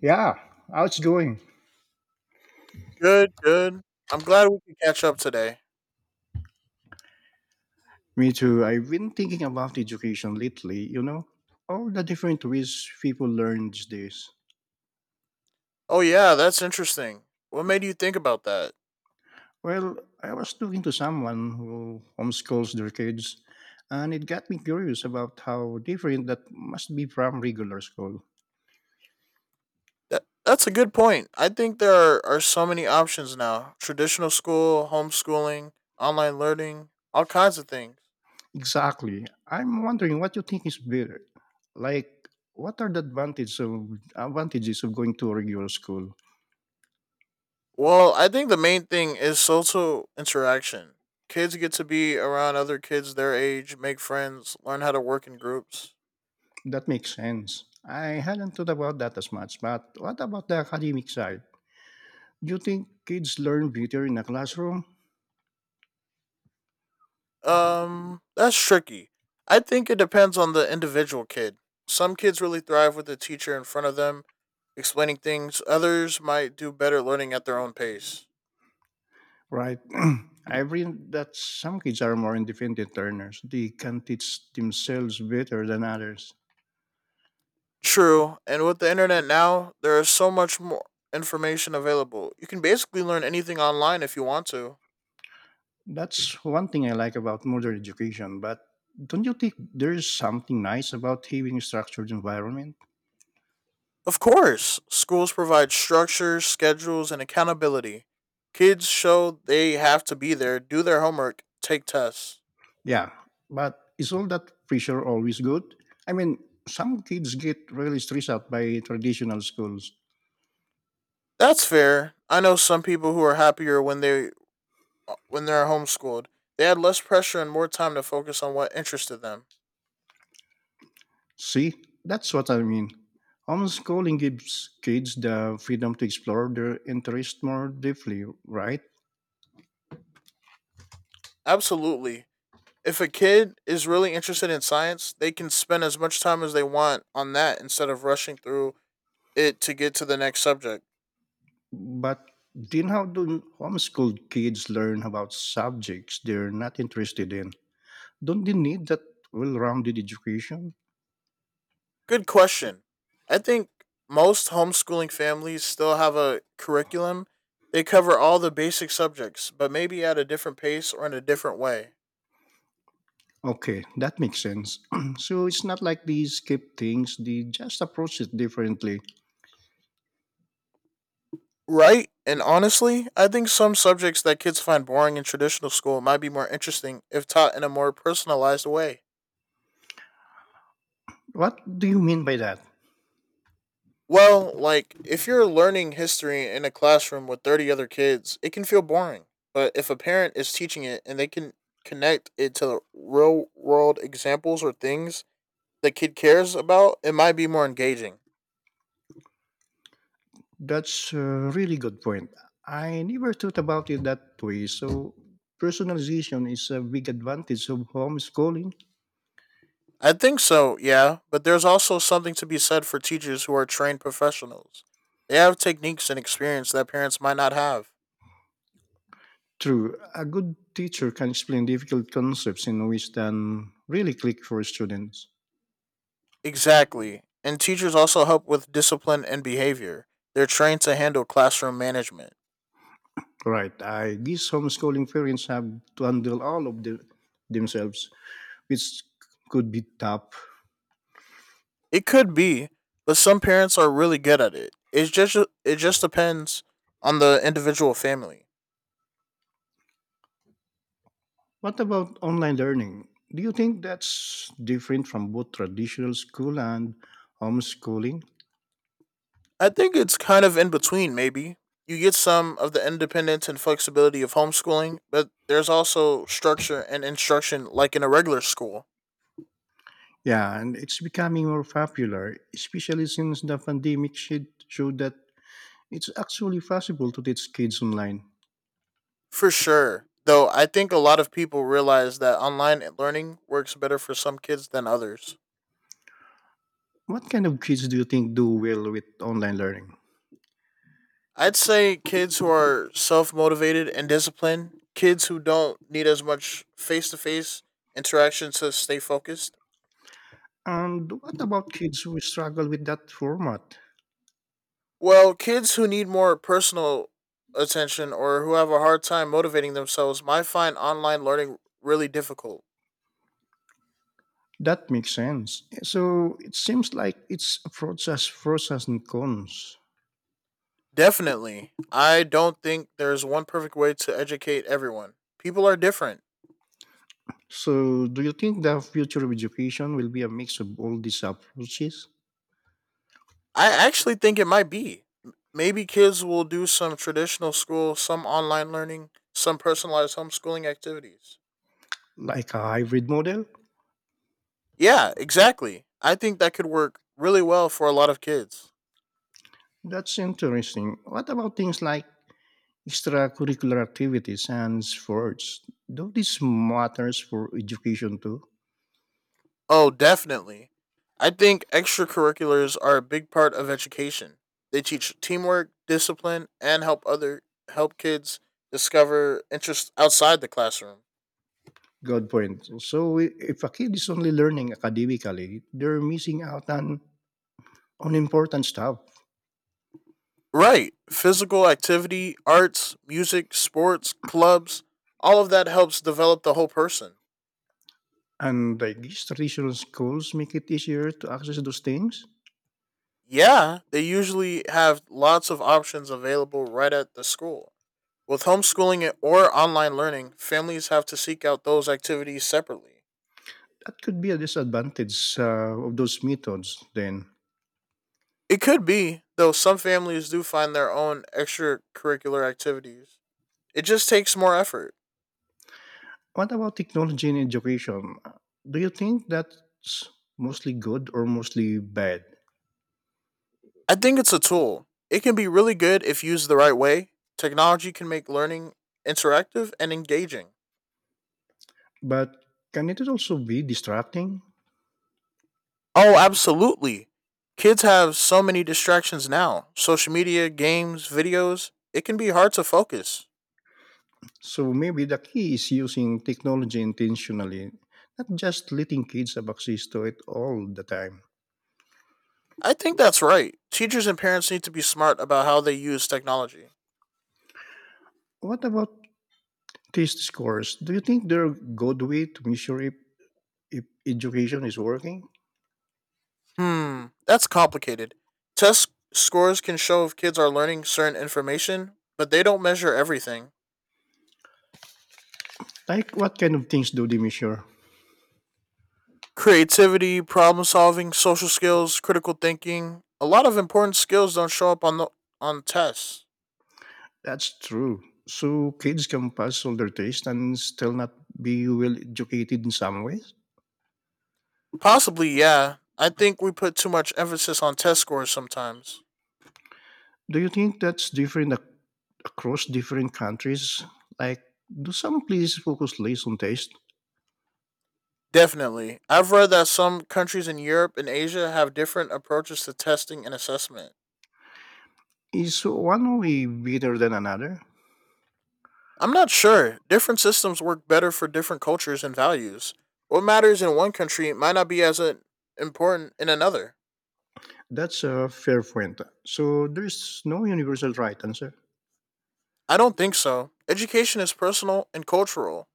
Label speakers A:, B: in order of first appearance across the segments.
A: Yeah, how's it going?
B: Good, good. I'm glad we could catch up today.
A: Me too. I've been thinking about education lately, you know, all the different ways people learn these days.
B: Oh yeah, that's interesting. What made you think about that?
A: Well, I was talking to someone who homeschools their kids, and it got me curious about how different that must be from regular school.
B: That's a good point. I think there are so many options now. Traditional school, homeschooling, online learning, all kinds of things.
A: Exactly. I'm wondering what you think is better. Like, what are the advantages of going to a regular school?
B: Well, I think the main thing is social interaction. Kids get to be around other kids their age, make friends, learn how to work in groups.
A: That makes sense. I hadn't thought about that as much, but what about the academic side? Do you think kids learn better in a classroom?
B: That's tricky. I think it depends on the individual kid. Some kids really thrive with a teacher in front of them explaining things, others might do better learning at their own pace.
A: Right. I've read that some kids are more independent learners. They can teach themselves better than others.
B: True, and with the internet now, there is so much more information available. You can basically learn anything online if you want to.
A: That's one thing I like about modern education. But don't you think there's something nice about having a structured environment?
B: Of course, schools provide structures, schedules, and accountability. Kids show they have to be there, do their homework, take tests.
A: Yeah. But is all that pressure always good? I mean, some kids get really stressed out by traditional schools.
B: That's fair. I know some people who are happier when they're homeschooled. They had less pressure and more time to focus on what interested them.
A: See, that's what I mean. Homeschooling gives kids the freedom to explore their interests more deeply, right?
B: Absolutely. If a kid is really interested in science, they can spend as much time as they want on that instead of rushing through it to get to the next subject.
A: But then how do homeschooled kids learn about subjects they're not interested in? Don't they need that well rounded education?
B: Good question. I think most homeschooling families still have a curriculum. They cover all the basic subjects, but maybe at a different pace or in a different way.
A: Okay, that makes sense. So it's not like they skip things, they just approach it differently.
B: Right? And honestly, I think some subjects that kids find boring in traditional school might be more interesting if taught in a more personalized way.
A: What do you mean by that?
B: Well, like, if you're learning history in a classroom with 30 other kids, it can feel boring. But if a parent is teaching it and they can connect it to real world examples or things the kid cares about, it might be more engaging.
A: That's a really good point. I never thought about it that way. So, personalization is a big advantage of homeschooling.
B: I think so, yeah, but there's also something to be said for teachers who are trained professionals. They have techniques and experience that parents might not have.
A: True, a good teacher can explain difficult concepts in ways that really click for students.
B: Exactly. And teachers also help with discipline and behavior. They're trained to handle classroom management.
A: Right, I guess homeschooling parents have to handle all of the, themselves, which could be tough.
B: It could be, but some parents are really good at it. It just depends on the individual family.
A: What about online learning? Do you think that's different from both traditional school and homeschooling?
B: I think it's kind of in between maybe. You get some of the independence and flexibility of homeschooling, but there's also structure and instruction like in a regular school.
A: Yeah, and it's becoming more popular, especially since the pandemic shit showed that it's actually possible to teach kids online.
B: For sure. Though I think a lot of people realize that online learning works better for some kids than others.
A: What kind of kids do you think do well with online learning?
B: I'd say kids who are self motivated and disciplined, kids who don't need as much face to face interaction to stay focused.
A: And what about kids who struggle with that format?
B: Well, kids who need more personal attention or who have a hard time motivating themselves might find online learning really difficult.
A: That makes sense. So it seems like it's a process and cons.
B: Definitely. I don't think there's one perfect way to educate everyone. People are different.
A: So do you think the future of education will be a mix of all these approaches,
B: I actually think it might be. Maybe kids will do some traditional school, some online learning, some personalized homeschooling activities.
A: like a hybrid model?
B: Yeah, exactly. I think that could work really well for a lot of kids.
A: That's interesting. What about things like extracurricular activities and sports. Though this matters for education too.
B: Oh, definitely. I think extracurriculars are a big part of education. They teach teamwork, discipline, and help kids discover interests outside the classroom.
A: Good point. So if a kid is only learning academically, they're missing out on important stuff.
B: Right. Physical activity, arts, music, sports, clubs, all of that helps develop the whole person.
A: And I guess traditional schools make it easier to access those things.
B: Yeah, they usually have lots of options available right at the school. With homeschooling or online learning, families have to seek out those activities separately.
A: That could be a disadvantage of those methods then.
B: It could be, though some families do find their own extracurricular activities. It just takes more effort.
A: What about technology in education? Do you think that's mostly good or mostly bad?
B: I think it's a tool. It can be really good if used the right way. Technology can make learning interactive and engaging.
A: But can it also be distracting?
B: Oh, absolutely. Kids have so many distractions now social media, games, videos. It can be hard to focus.
A: So maybe the key is using technology intentionally, not just letting kids have access to it all the time.
B: I think that's right. Teachers and parents need to be smart about how they use technology.
A: What about test scores? Do you think they're a good way to measure if education is working?
B: Hmm, that's complicated. Test scores can show if kids are learning certain information, but they don't measure everything.
A: Like what kind of things do they measure?
B: Creativity, problem solving, social skills, critical thinking, a lot of important skills don't show up on tests.
A: That's true. So kids can pass all their tests and still not be well educated in some ways.
B: Possibly, yeah. I think we put too much emphasis on test scores sometimes.
A: Do you think that's different across different countries? Like, do some places focus less on taste?
B: Definitely. I've read that some countries in Europe and Asia have different approaches to testing and assessment.
A: Is one way better than another?
B: I'm not sure. Different systems work better for different cultures and values. What matters in one country might not be as important in another.
A: That's a fair point. So there's no universal right answer.
B: I don't think so. Education is personal and cultural.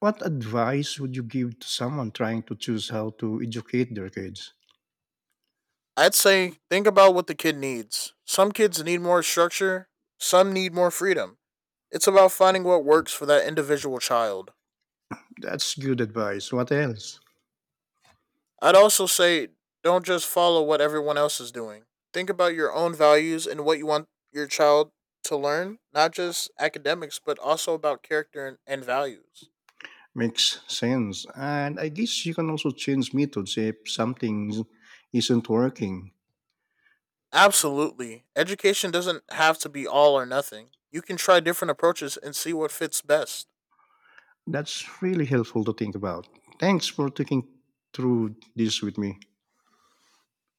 A: What advice would you give to someone trying to choose how to educate their kids?
B: I'd say think about what the kid needs. Some kids need more structure, some need more freedom. It's about finding what works for that individual child.
A: That's good advice. What else?
B: I'd also say don't just follow what everyone else is doing. Think about your own values and what you want your child to learn, not just academics, but also about character and values.
A: Makes sense. And I guess you can also change methods if something isn't working.
B: Absolutely. Education doesn't have to be all or nothing. You can try different approaches and see what fits best.
A: That's really helpful to think about. Thanks for thinking through this with me.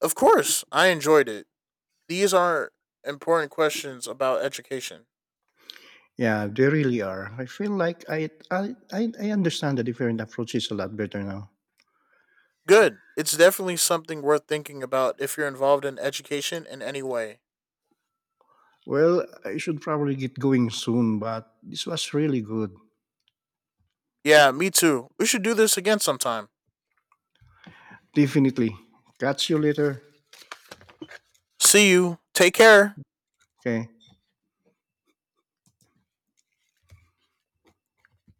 B: Of course, I enjoyed it. These are important questions about education.
A: Yeah, they really are. I feel like I understand the different approaches a lot better now.
B: Good. It's definitely something worth thinking about if you're involved in education in any way.
A: Well, I should probably get going soon, but this was really good.
B: Yeah, me too. We should do this again sometime.
A: Definitely. Catch you later.
B: See you. Take care.
A: Okay.